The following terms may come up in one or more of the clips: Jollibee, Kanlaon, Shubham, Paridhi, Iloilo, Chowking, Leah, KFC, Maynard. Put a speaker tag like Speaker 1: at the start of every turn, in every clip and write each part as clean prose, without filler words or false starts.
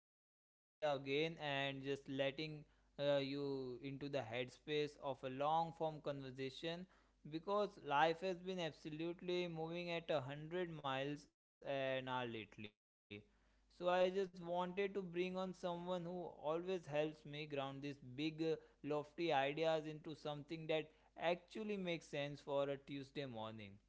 Speaker 1: to be sitting here again and just letting you into the headspace of a long form conversation because life has been absolutely moving at a 100 miles an hour lately. So, I just wanted to bring on someone who always helps me ground these big, lofty ideas into something that actually makes sense for a Tuesday morning.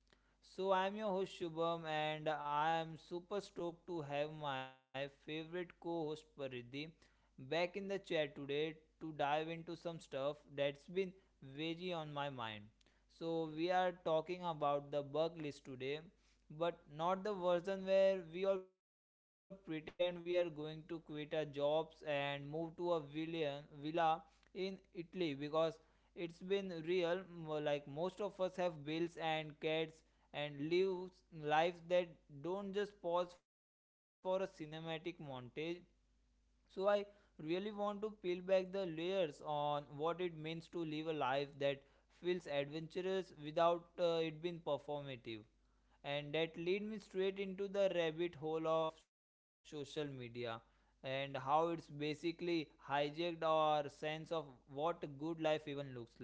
Speaker 1: So, I'm your host Shubham, and I am super stoked to have my favorite co host Paridhi back in the chair today to dive into some stuff that's been veggie on my mind. So, we are talking about the bug list today, but not the version where we all pretend we are going to quit our jobs and move to a villa in Italy because it's been real. Like most of us have bills and cats and lives that don't just pause for a cinematic montage. So I really want to peel back the layers on what it means to live a life that feels adventurous without it being performative, and that lead me straight into the rabbit hole of social media and how it's basically hijacked our sense of what a good life even looks like.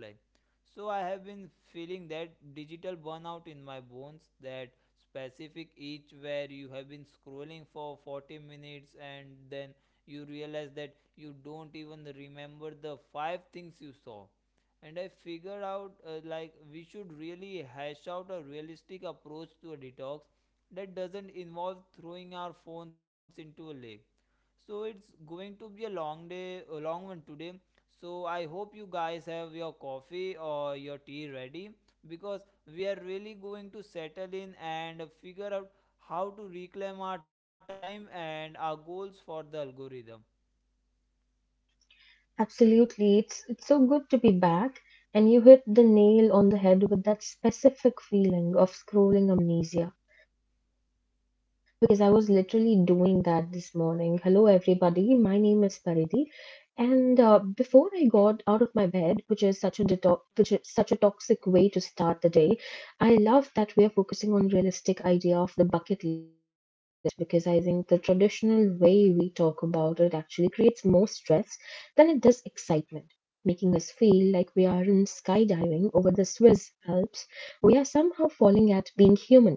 Speaker 1: So I have been feeling that digital burnout in my bones, that specific itch where you have been scrolling for 40 minutes and then you realize that you don't even remember the five things you saw, and I figured out like we should really hash out a realistic approach to a detox that doesn't involve throwing our phones into a lake. So it's going to be a long day, a long one today. So I hope you guys have your coffee or your tea ready, because we are really going to settle in and figure out how to reclaim our time and our goals for the algorithm.
Speaker 2: Absolutely. It's so good to be back, and you hit the nail on the head with that specific feeling of scrolling amnesia because I was literally doing that this morning. Hello everybody. My name is Pariti, and before I got out of my bed, which is such a toxic way to start the day. I love that we are focusing on realistic idea of the bucket list because I think the traditional way we talk about it actually creates more stress than it does excitement, making us feel like we are in skydiving over the Swiss Alps. We are somehow falling at being human.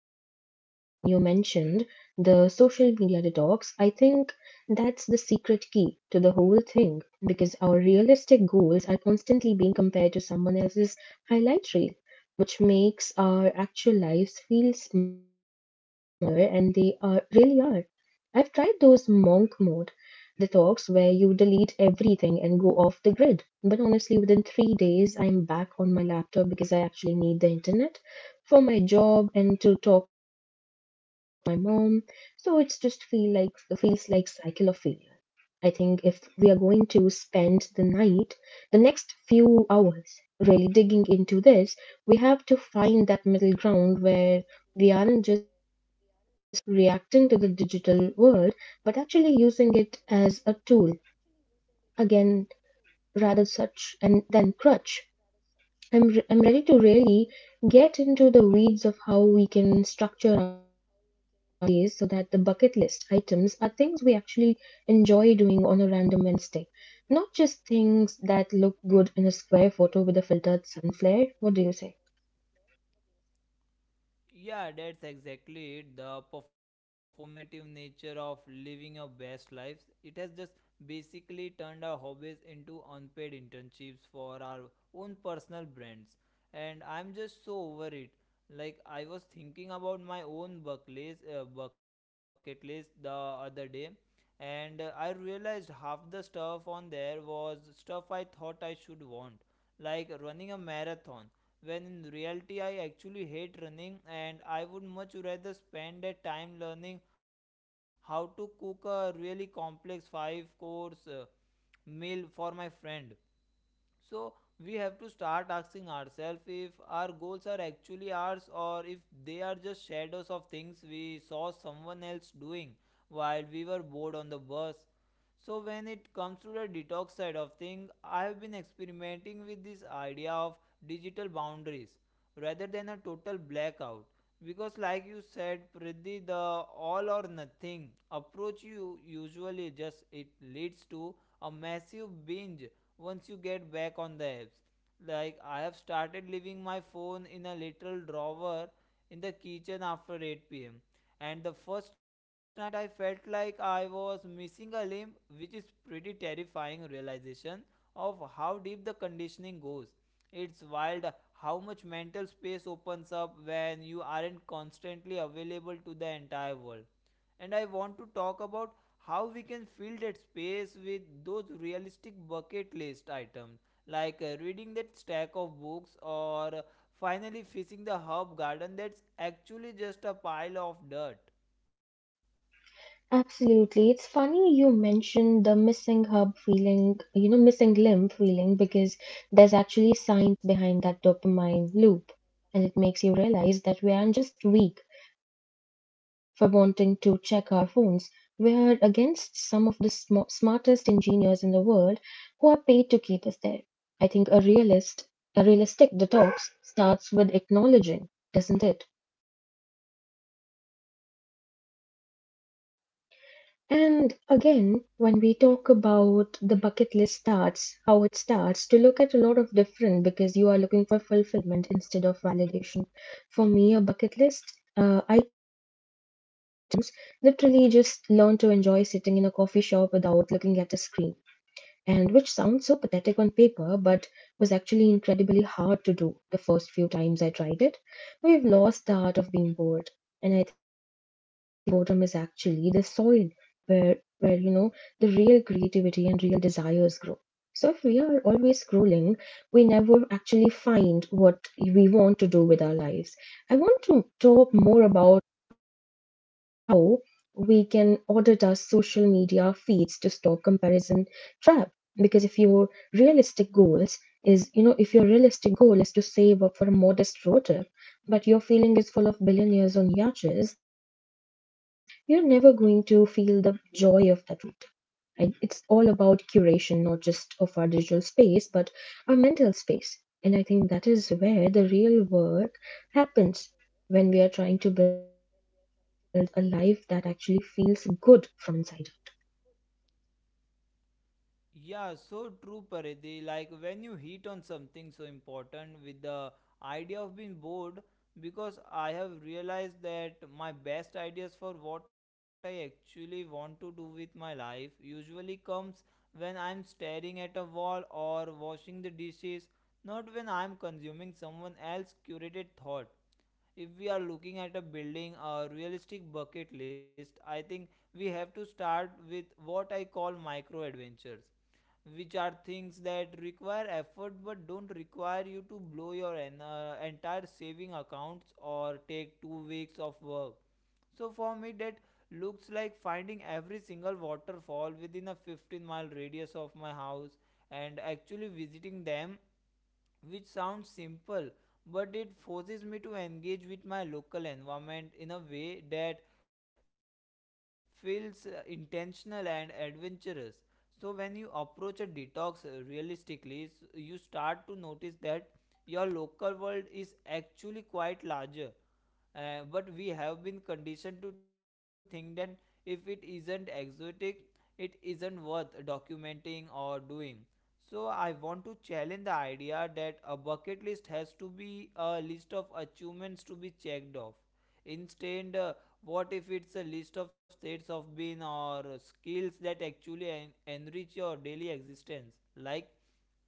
Speaker 2: You mentioned the social media detox. I think that's the secret key to the whole thing because our realistic goals are constantly being compared to someone else's highlight reel, which makes our actual lives feel smaller, and they are really are. I've tried those monk mode detox where you delete everything and go off the grid, but honestly, within 3 days, I'm back on my laptop because I actually need the internet for my job and to talk to my mom. So it's just feel like feels like cycle of failure. I think if we are going to spend the night, the next few hours really digging into this, we have to find that middle ground where we aren't just reacting to the digital world, but actually using it as a tool again rather such and then crutch. I'm ready to really get into the weeds of how we can structure our days so that the bucket list items are things we actually enjoy doing on a random Wednesday, not just things that look good in a square photo with a filtered sun flare. What do you say?
Speaker 1: Yeah, that's exactly it. The performative nature of living your best lives. It has just basically turned our hobbies into unpaid internships for our own personal brands. And I'm just so over it. Like, I was thinking about my own bucket list the other day, and I realized half the stuff on there was stuff I thought I should want, like running a marathon, when in reality I actually hate running and I would much rather spend that time learning how to cook a really complex five course meal for my friend. So we have to start asking ourselves if our goals are actually ours or if they are just shadows of things we saw someone else doing while we were bored on the bus. So when it comes to the detox side of things, I have been experimenting with this idea of digital boundaries rather than a total blackout, because like you said, Pridhi, the all or nothing approach you usually just it leads to a massive binge once you get back on the apps. Like, I have started leaving my phone in a little drawer in the kitchen after 8 pm. And the first night I felt like I was missing a limb, which is pretty terrifying realization of how deep the conditioning goes. It's wild how much mental space opens up when you aren't constantly available to the entire world, and I want to talk about how we can fill that space with those realistic bucket list items, like reading that stack of books or finally fixing the herb garden that's actually just a pile of dirt.
Speaker 2: Absolutely. It's funny you mentioned the missing hub feeling, you know, missing limb feeling because there's actually science behind that dopamine loop, and it makes you realize that we aren't just weak for wanting to check our phones. We are against some of the smartest engineers in the world who are paid to keep us there. I think a realistic detox starts with acknowledging, doesn't it? And again, when we talk about the bucket list starts, how it starts, to look at a lot of different because you are looking for fulfillment instead of validation. For me, a bucket list items literally just learn to enjoy sitting in a coffee shop without looking at a screen, and which sounds so pathetic on paper but was actually incredibly hard to do the first few times I tried it. We've lost the art of being bored, and I think boredom is actually the soil where you know the real creativity and real desires grow. So if we are always scrolling, we never actually find what we want to do with our lives. I want to talk more about how we can audit our social media feeds to stop comparison trap because if your realistic goals is you know if your realistic goal is to save up for a modest road trip but your feeling is full of billionaires on yachts, you're never going to feel the joy of that route, right? It's all about curation, not just of our digital space but our mental space, and I think that is where the real work happens when we are trying to build a life that actually feels good from inside.
Speaker 1: Yeah, so true, Paridi. Like when you hit on something so important with the idea of being bored, because I have realized that my best ideas for what I actually want to do with my life usually comes when I'm staring at a wall or washing the dishes, not when I'm consuming someone else's curated thought. If we are looking at a building a realistic bucket list, I think we have to start with what I call micro adventures, which are things that require effort but don't require you to blow your entire saving accounts or take 2 weeks of work. So for me that looks like finding every single waterfall within a 15-mile radius of my house and actually visiting them, which sounds simple, but it forces me to engage with my local environment in a way that feels intentional and adventurous. So when you approach a detox realistically, you start to notice that your local world is actually quite larger, but we have been conditioned to think that if it isn't exotic, it isn't worth documenting or doing. So I want to challenge the idea that a bucket list has to be a list of achievements to be checked off. Instead, what if it's a list of states of being or skills that actually enrich your daily existence? Like,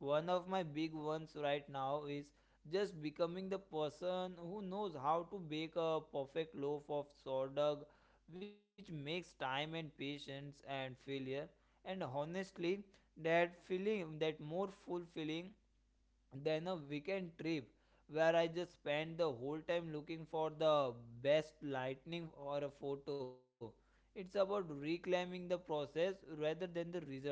Speaker 1: one of my big ones right now is just becoming the person who knows how to bake a perfect loaf of sourdough, which makes time and patience and failure. And honestly, that feeling, that more fulfilling than a weekend trip where I just spend the whole time looking for the best lightning or a photo. It's about reclaiming the process rather than the result.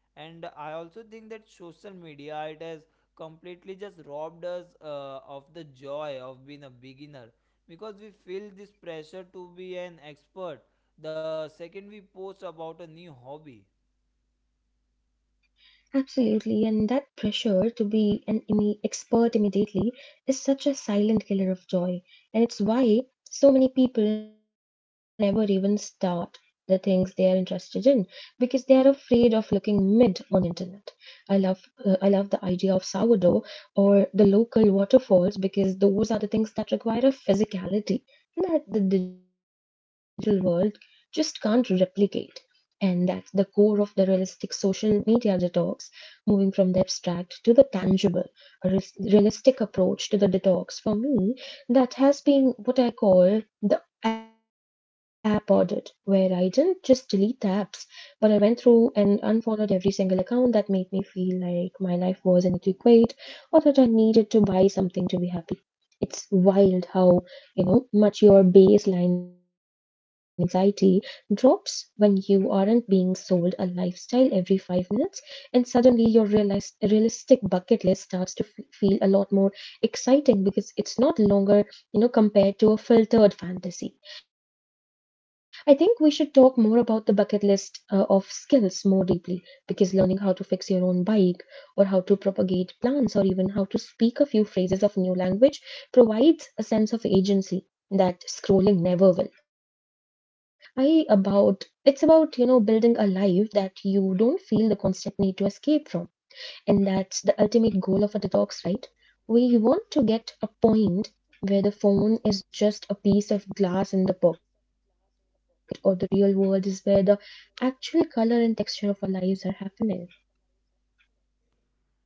Speaker 1: And I also think that social media it has completely just robbed us of the joy of being a beginner, because we feel this pressure to be an expert the second we post about a new hobby.
Speaker 2: Absolutely, and that pressure to be an expert immediately is such a silent killer of joy, and it's why so many people never even start the things they are interested in because they are afraid of looking mid on internet. I love I love the idea of sourdough or the local waterfalls because those are the things that require a physicality that the digital world just can't replicate. And that's the core of the realistic social media detox, moving from the abstract to the tangible. Realistic approach to the detox for me, that has been what I call the app audit, where I didn't just delete the apps, but I went through and unfollowed every single account that made me feel like my life was inadequate or that I needed to buy something to be happy. It's wild how, you know, much your baseline anxiety drops when you aren't being sold a lifestyle every 5 minutes, and suddenly your realistic bucket list starts to feel a lot more exciting because it's not longer, you know, compared to a filtered fantasy. I think we should talk more about the bucket list of skills more deeply because learning how to fix your own bike or how to propagate plants or even how to speak a few phrases of new language provides a sense of agency that scrolling never will. I about it's about, you know, building a life that you don't feel the constant need to escape from, and that's the ultimate goal of a detox, right? We want to get a point where the phone is just a piece of glass in the pocket, or the real world is where the actual color and texture of our lives are happening.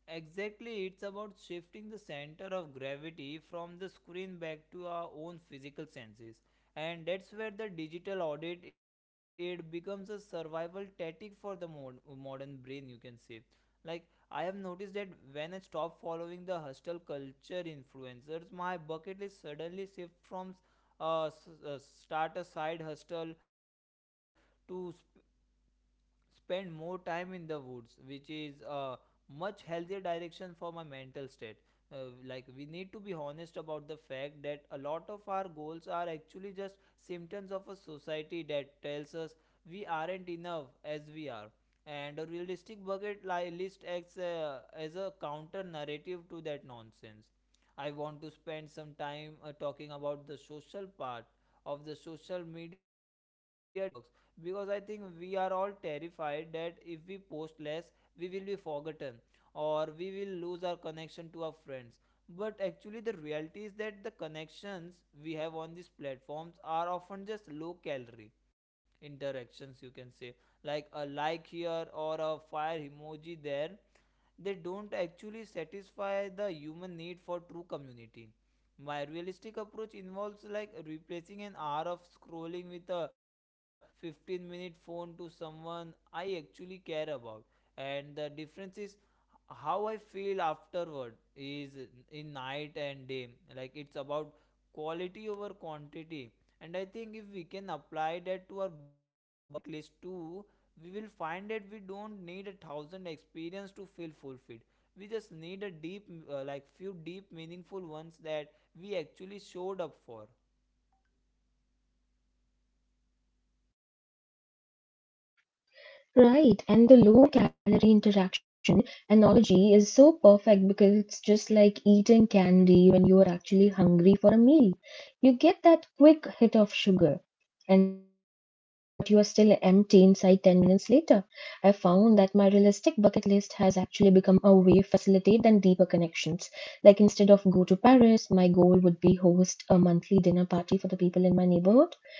Speaker 1: Exactly, it's about shifting the center of gravity from the screen back to our own physical senses. And that's where the digital audit aid becomes a survival tactic for the modern brain, you can say. Like, I have noticed that when I stop following the hostile culture influencers, my bucket list suddenly shifts from start a side hustle to spend more time in the woods, which is a much healthier direction for my mental state. Like, we need to be honest about the fact that a lot of our goals are actually just symptoms of a society that tells us we aren't enough as we are. And a realistic bucket list acts as a counter narrative to that nonsense. I want to spend some time talking about the social part of the social media detox, because I think we are all terrified that if we post less, we will be forgotten or we will lose our connection to our friends. But actually, the reality is that the connections we have on these platforms are often just low calorie interactions, you can say, like a like here or a fire emoji there. They don't actually satisfy the human need for true community. My realistic approach involves like replacing an hour of scrolling with a 15-minute phone to someone I actually care about. And the difference is how I feel afterward is in night and day. Like, it's about quality over quantity. And I think if we can apply that to our bucket list too, we will find that we don't need a thousand experience to feel fulfilled. We just need like few deep, meaningful ones that we actually showed up for.
Speaker 2: Right, and the low calorie interaction analogy is so perfect because it's just like eating candy when you are actually hungry for a meal. You get that quick hit of sugar, and but you are still empty inside 10 minutes later. I found that my realistic bucket list has actually become a way facilitate than deeper connections. Like instead of go to Paris, my goal would be host a monthly dinner party for the people in my neighborhood,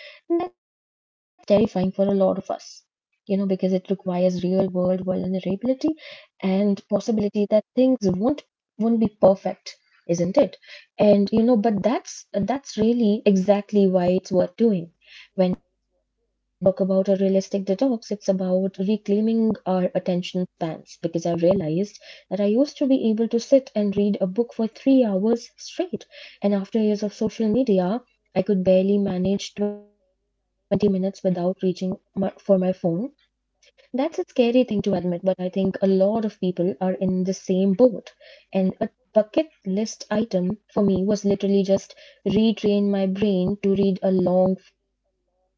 Speaker 2: and that's terrifying for a lot of us, you know, because it requires real world vulnerability and possibility that things won't be perfect, isn't it? And you know, but that's really exactly why it's worth doing. When we talk about a realistic detox, it's about reclaiming our attention spans because I've realized that I used to be able to sit and read a book for 3 hours straight. And after years of social media, I could barely manage 20 minutes without reaching for my phone. That's a scary thing to admit, but I think a lot of people are in the same boat. And a bucket list item for me was literally just retrain my brain to read a long form novel.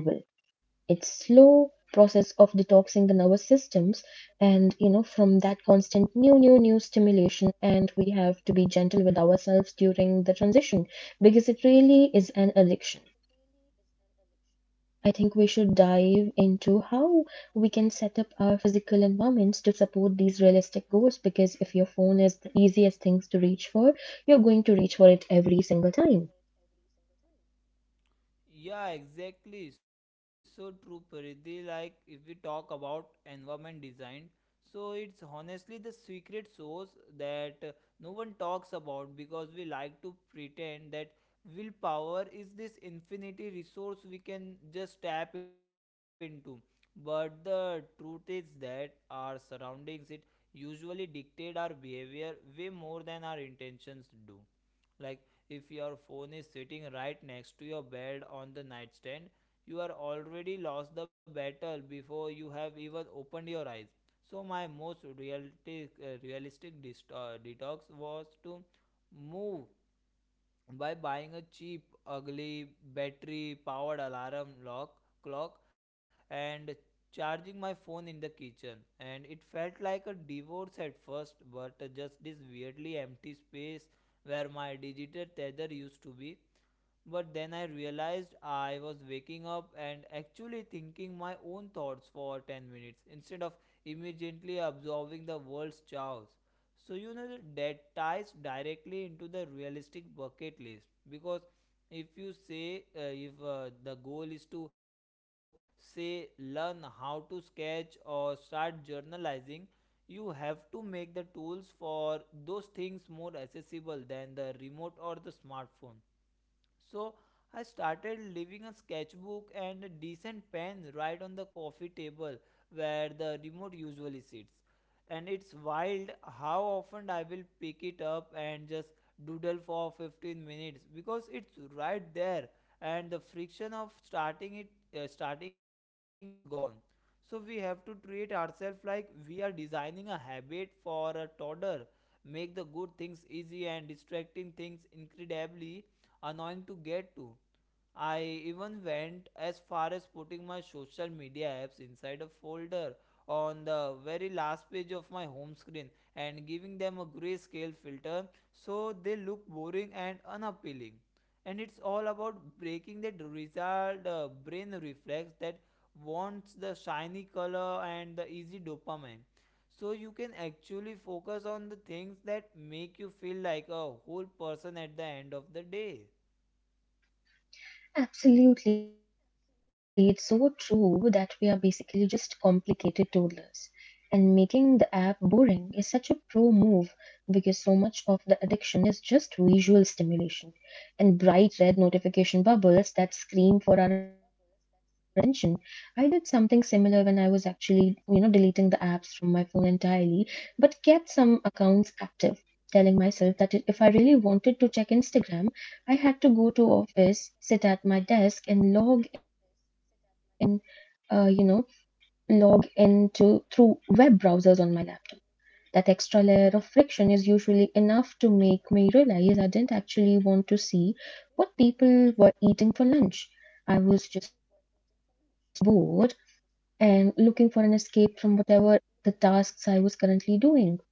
Speaker 2: It's slow process of detoxing the nervous systems and, you know, from that constant new stimulation, and we have to be gentle with ourselves during the transition because it really is an addiction. I think we should dive into how we can set up our physical environments to support these realistic goals because if your phone is the easiest things to reach for, you're going to reach for it every single time.
Speaker 1: Yeah, exactly. So true, Paridhi. Like if we talk about environment design, so it's honestly the secret source that no one talks about, because we like to pretend that willpower is this infinity resource we can just tap into. But the truth is that our surroundings it usually dictate our behavior way more than our intentions do. Like, if your phone is sitting right next to your bed on the nightstand, you are already lost the battle before you have even opened your eyes. So my most realistic detox was to move by buying a cheap, ugly, battery powered alarm clock and charging my phone in the kitchen. And it felt like a divorce at first, but just this weirdly empty space where my digital tether used to be. But then I realized I was waking up and actually thinking my own thoughts for 10 minutes instead of immediately absorbing the world's chaos. So, you know, that ties directly into the realistic bucket list, because if you say, if the goal is to say, learn how to sketch or start journalizing, you have to make the tools for those things more accessible than the remote or the smartphone. So I started leaving a sketchbook and a decent pen right on the coffee table where the remote usually sits. And it's wild how often I will pick it up and just doodle for 15 minutes, because it's right there and the friction of starting is gone. So we have to treat ourselves like we are designing a habit for a toddler. Make the good things easy and distracting things incredibly annoying to get to. I even went as far as putting my social media apps inside a folder on the very last page of my home screen and giving them a grayscale filter so they look boring and unappealing. And it's all about breaking that lizard brain reflex that wants the shiny color and the easy dopamine so you can actually focus on the things that make you feel like a whole person at the end of the day.
Speaker 2: Absolutely, it's so true that we are basically just complicated toddlers. And making the app boring is such a pro move because so much of the addiction is just visual stimulation and bright red notification bubbles that scream for our attention. I did something similar when I was actually, you know, deleting the apps from my phone entirely, but kept some accounts active, telling myself that if I really wanted to check Instagram, I had to go to office, sit at my desk, and log in, you know, log into through web browsers on my laptop. That extra layer of friction is usually enough to make me realize I didn't actually want to see what people were eating for lunch. I was just bored and looking for an escape from whatever the tasks I was currently doing,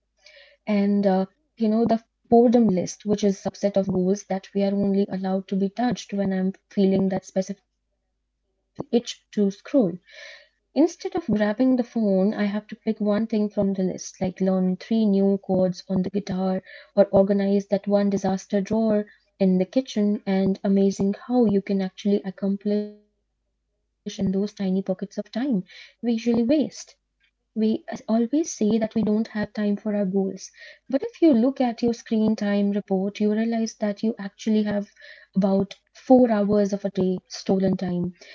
Speaker 2: and you know, the boredom list, which is a subset of goals that we are only allowed to be touched when I'm feeling that specific itch to scroll. Instead of grabbing the phone, I have to pick one thing from the list, like learn three new chords on the guitar or organize that one disaster drawer in the kitchen. And amazing how you can actually accomplish in those tiny pockets of time we usually waste. We always say that we don't have time for our goals. But if you look at your screen time report, you realize that you actually have about 4 hours of a day stolen time,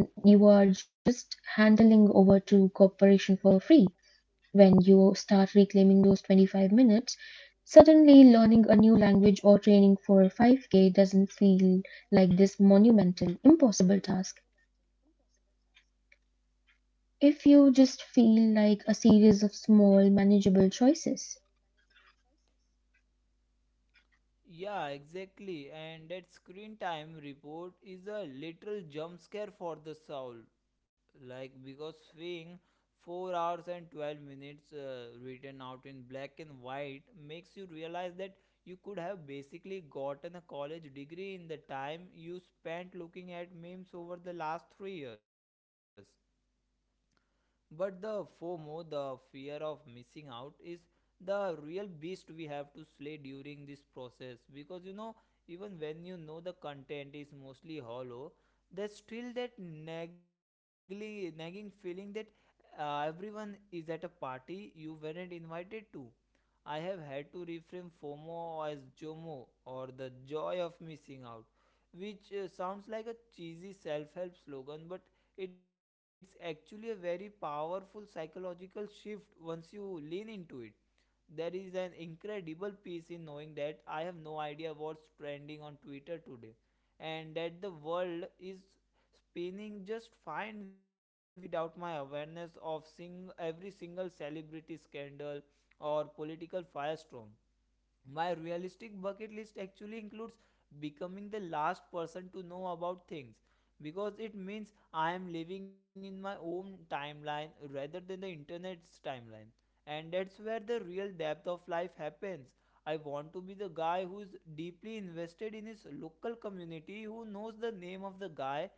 Speaker 2: and you are just handling over to corporation for free. When you start reclaiming those 25 minutes, suddenly learning a new language or training for 5K doesn't feel like this monumental, impossible task if you just feel like a series of small, manageable choices.
Speaker 1: Yeah, exactly, and that screen time report is a literal jump scare for the soul, like because seeing 4 hours and 12 minutes written out in black and white makes you realize that you could have basically gotten a college degree in the time you spent looking at memes over the last 3 years. But the FOMO, the fear of missing out, is the real beast we have to slay during this process. Because you know, even when you know the content is mostly hollow, there's still that nagging feeling that everyone is at a party you weren't invited to. I have had to reframe FOMO as JOMO, or the joy of missing out, which sounds like a cheesy self help slogan, but it's actually a very powerful psychological shift once you lean into it. There is an incredible peace in knowing that I have no idea what's trending on Twitter today and that the world is spinning just fine without my awareness of every single celebrity scandal or political firestorm. My realistic bucket list actually includes becoming the last person to know about things, because it means I am living in my own timeline rather than the internet's timeline, and that's where the real depth of life happens. I want to be the guy who's deeply invested in his local community, who knows the name of the guy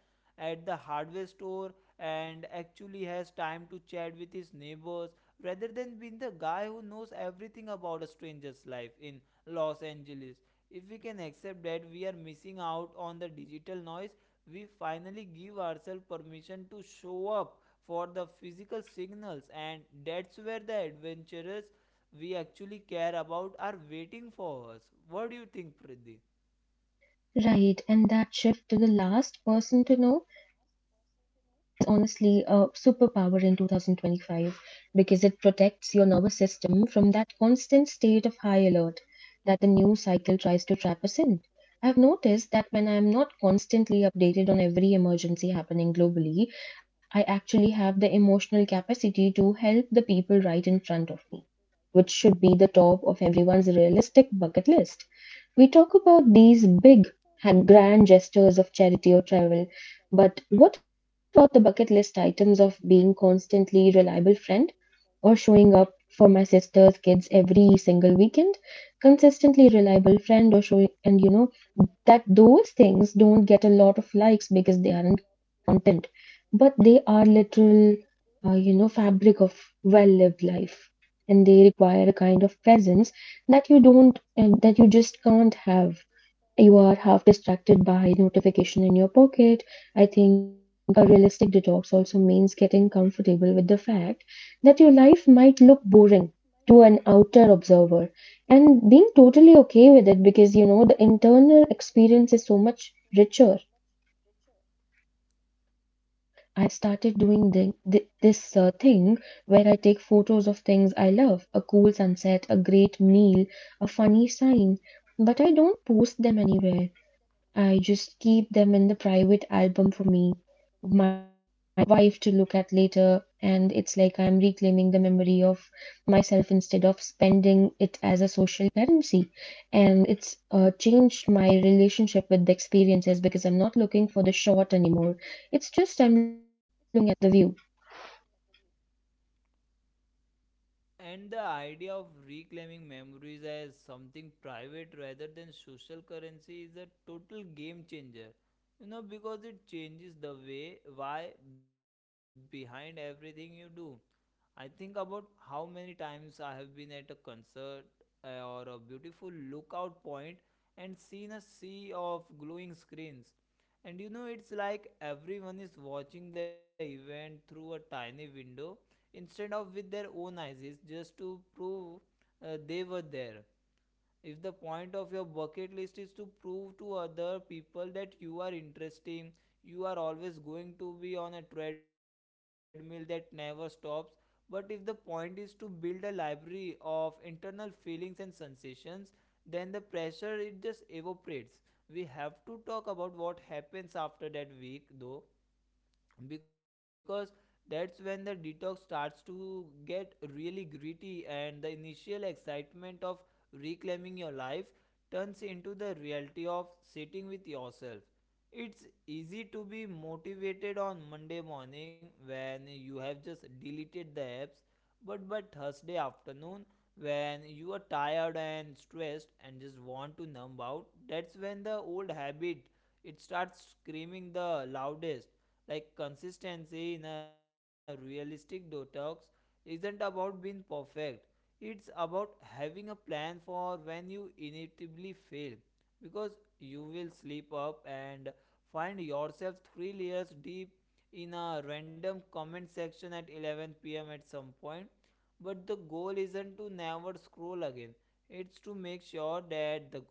Speaker 1: at the hardware store and actually has time to chat with his neighbors, rather than being the guy who knows everything about a stranger's life in Los Angeles. If we can accept that we are missing out on the digital noise, we finally give ourselves permission to show up for the physical signals, and that's where the adventurers we actually care about are waiting for us. What do you think, Pridhi?
Speaker 2: Right, and that shift to the last person to know is honestly a superpower in 2025 because it protects your nervous system from that constant state of high alert that the news cycle tries to trap us in. I've noticed that when I'm not constantly updated on every emergency happening globally, I actually have the emotional capacity to help the people right in front of me, which should be the top of everyone's realistic bucket list. We talk about these big and grand gestures of charity or travel, but what about the bucket list items of being constantly reliable friend or showing up for my sister's kids every single weekend? Consistently reliable friend or showing, and that those things don't get a lot of likes because they aren't content, but they are literal fabric of well-lived life, and they require a kind of presence that you don't, that you just can't have you are half distracted by notification in your pocket. I think a realistic detox also means getting comfortable with the fact that your life might look boring to an outer observer and being totally okay with it because you know the internal experience is so much richer. I started doing this thing where I take photos of things I love, a cool sunset, a great meal, a funny sign, but I don't post them anywhere. I just keep them in the private album for me, my wife to look at later. And it's like I'm reclaiming the memory of myself instead of spending it as a social currency. And it's changed my relationship with the experiences because I'm not looking for the shot anymore. It's just I'm looking at the view.
Speaker 1: And the idea of reclaiming memories as something private rather than social currency is a total game changer. You know, because it changes the way, why, behind everything you do. I think about how many times I have been at a concert or a beautiful lookout point and seen a sea of glowing screens, and you know, it's like everyone is watching the event through a tiny window instead of with their own eyes, just to prove they were there. If the point of your bucket list is to prove to other people that you are interesting, you are always going to be on a treadmill that never stops. But if the point is to build a library of internal feelings and sensations, then the pressure it just evaporates. We have to talk about what happens after that week though, because that's when the detox starts to get really gritty and the initial excitement of reclaiming your life turns into the reality of sitting with yourself. It's easy to be motivated on Monday morning when you have just deleted the apps, but by Thursday afternoon, when you are tired and stressed and just want to numb out, that's when the old habit it starts screaming the loudest. Like, consistency in a realistic detox isn't about being perfect, it's about having a plan for when you inevitably fail, because you will slip up and find yourself three layers deep in a random comment section at 11 pm at some point. But the goal isn't to never scroll again, it's to make sure that the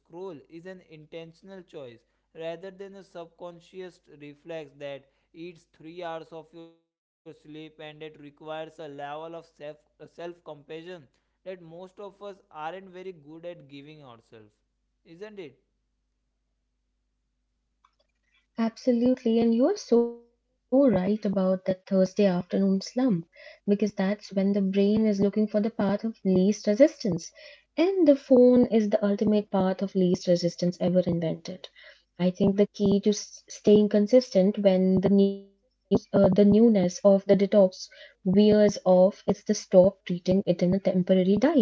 Speaker 1: scroll is an intentional choice rather than a subconscious reflex that eats 3 hours of your sleep, and it requires a level of self compassion that most of us aren't very good at giving ourselves. Isn't it?
Speaker 2: Absolutely. And you are so right about that Thursday afternoon slump, because that's when the brain is looking for the path of least resistance. And the phone is the ultimate path of least resistance ever invented. I think the key to staying consistent when the news, the newness of the detox wears off is to stop treating it in a temporary diet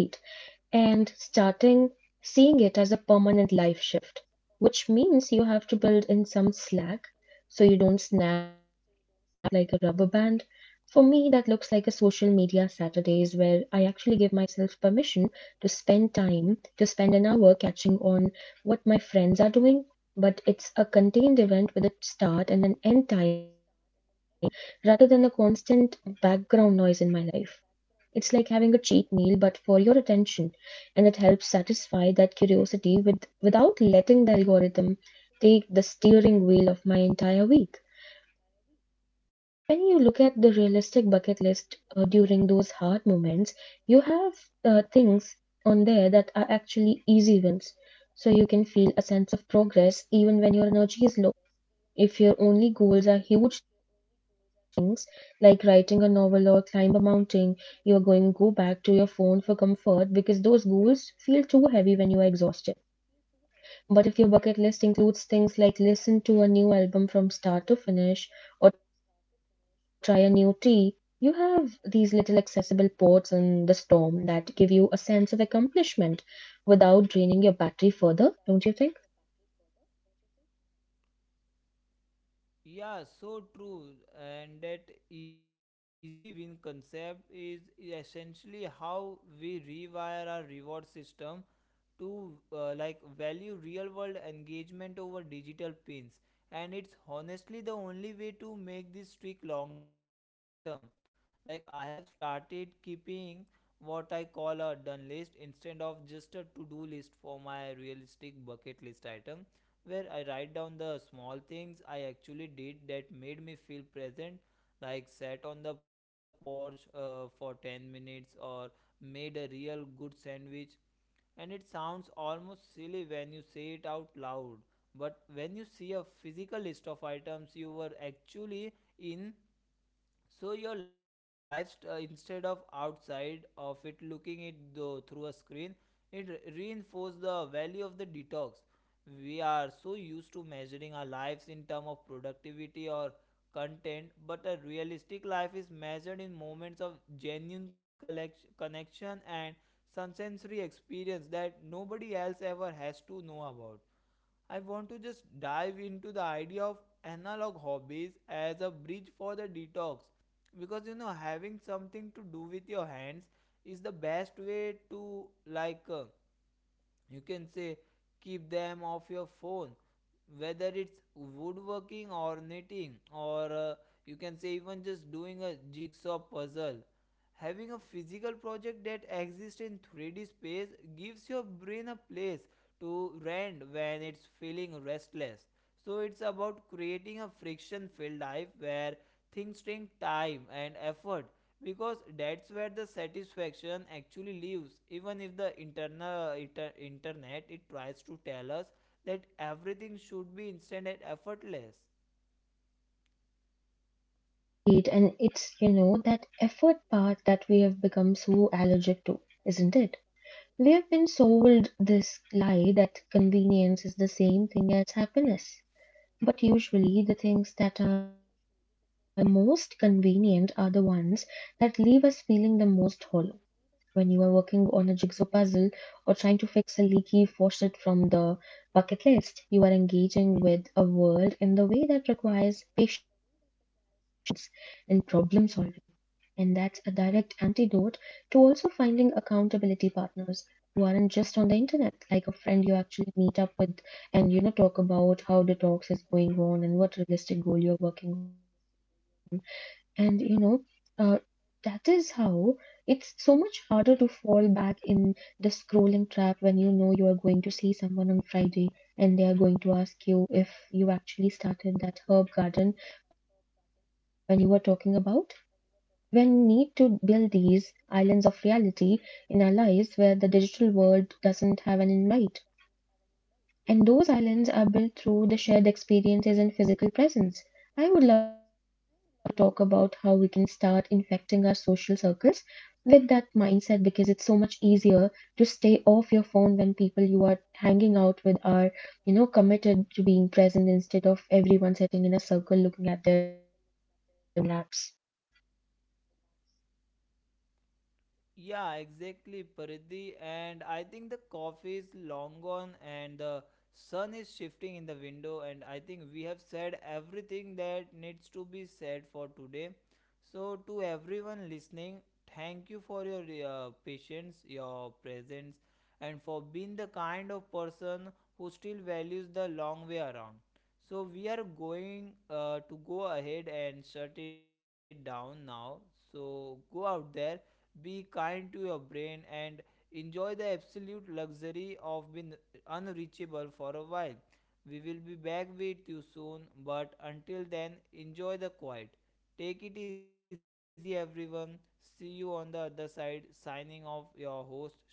Speaker 2: and starting seeing it as a permanent life shift, which means you have to build in some slack so you don't snap like a rubber band. For me, that looks like a social media Saturdays where I actually give myself permission to spend time, to spend an hour catching on what my friends are doing, but it's a contained event with a start and an end time rather than a constant background noise in my life. It's like having a cheat meal, but for your attention, and it helps satisfy that curiosity with, without letting the algorithm take the steering wheel of my entire week. When you look at the realistic bucket list during those hard moments, you have uh, things on there that are actually easy wins. So you can feel a sense of progress even when your energy is low. If your only goals are huge things like writing a novel or climb a mountain, you are going to go back to your phone for comfort because those goals feel too heavy when you are exhausted. But if your bucket list includes things like listen to a new album from start to finish or try a new tea, you have these little accessible ports in the storm that give you a sense of accomplishment without draining your battery further, don't you think?
Speaker 1: Yeah, so true. And that easy win concept is essentially how we rewire our reward system to like value real world engagement over digital pins, and it's honestly the only way to make this streak long term. Like, I have started keeping what I call a done list instead of just a to do list for my realistic bucket list item, where I write down the small things I actually did that made me feel present, like sat on the porch for 10 minutes or made a real good sandwich. And it sounds almost silly when you say it out loud, but when you see a physical list of items you were actually in, so your life instead of outside of it looking it though through a screen, it reinforce the value of the detox. We are so used to measuring our lives in terms of productivity or content, but a realistic life is measured in moments of genuine connection and some sensory experience that nobody else ever has to know about. I want to just dive into the idea of analog hobbies as a bridge for the detox, because you know, having something to do with your hands is the best way to you can say keep them off your phone, whether it's woodworking or knitting or you can say even just doing a jigsaw puzzle. Having a physical project that exists in 3D space gives your brain a place to rent when it's feeling restless. So it's about creating a friction filled life where things take time and effort, because that's where the satisfaction actually lives, even if the internet it tries to tell us that everything should be instant and effortless.
Speaker 2: Right, and it's, you know, that effort part that we have become so allergic to, isn't it? We have been sold this lie that convenience is the same thing as happiness. But usually, the things that are the most convenient are the ones that leave us feeling the most hollow when you are working on a jigsaw puzzle or trying to fix a leaky faucet from the bucket list. You are engaging with a world in the way that requires patience and problem solving. And that's a direct antidote to also finding accountability partners who aren't just on the internet, like a friend you actually meet up with, and you know talk about how the talks is going on and what realistic goal you're working on, and uh, that is how it's so much harder to fall back in the scrolling trap when you know you are going to see someone on friday and they are going to ask you if you actually started that herb garden when you were talking about when need to build these islands of reality in our lives where the digital world doesn't have an invite, and those islands are built through the shared experiences and physical presence. I would love to talk about how we can start infecting our social circles with that mindset because it's so much easier to stay off your phone when people you are hanging out with are, you know, committed to being present instead of everyone sitting in a circle looking at their own laps.
Speaker 1: Yeah, exactly, Paridhi. And I think the coffee is long gone and the sun is shifting in the window. And I think we have said everything that needs to be said for today. So, to everyone listening, thank you for your patience, your presence, and for being the kind of person who still values the long way around. So, we are going to go ahead and shut it down now. So, go out there, be kind to your brain and enjoy the absolute luxury of being unreachable for a while. We will be back with you soon, but until then, enjoy the quiet. Take it easy, everyone. See you on the other side. Signing off, your host Shubham.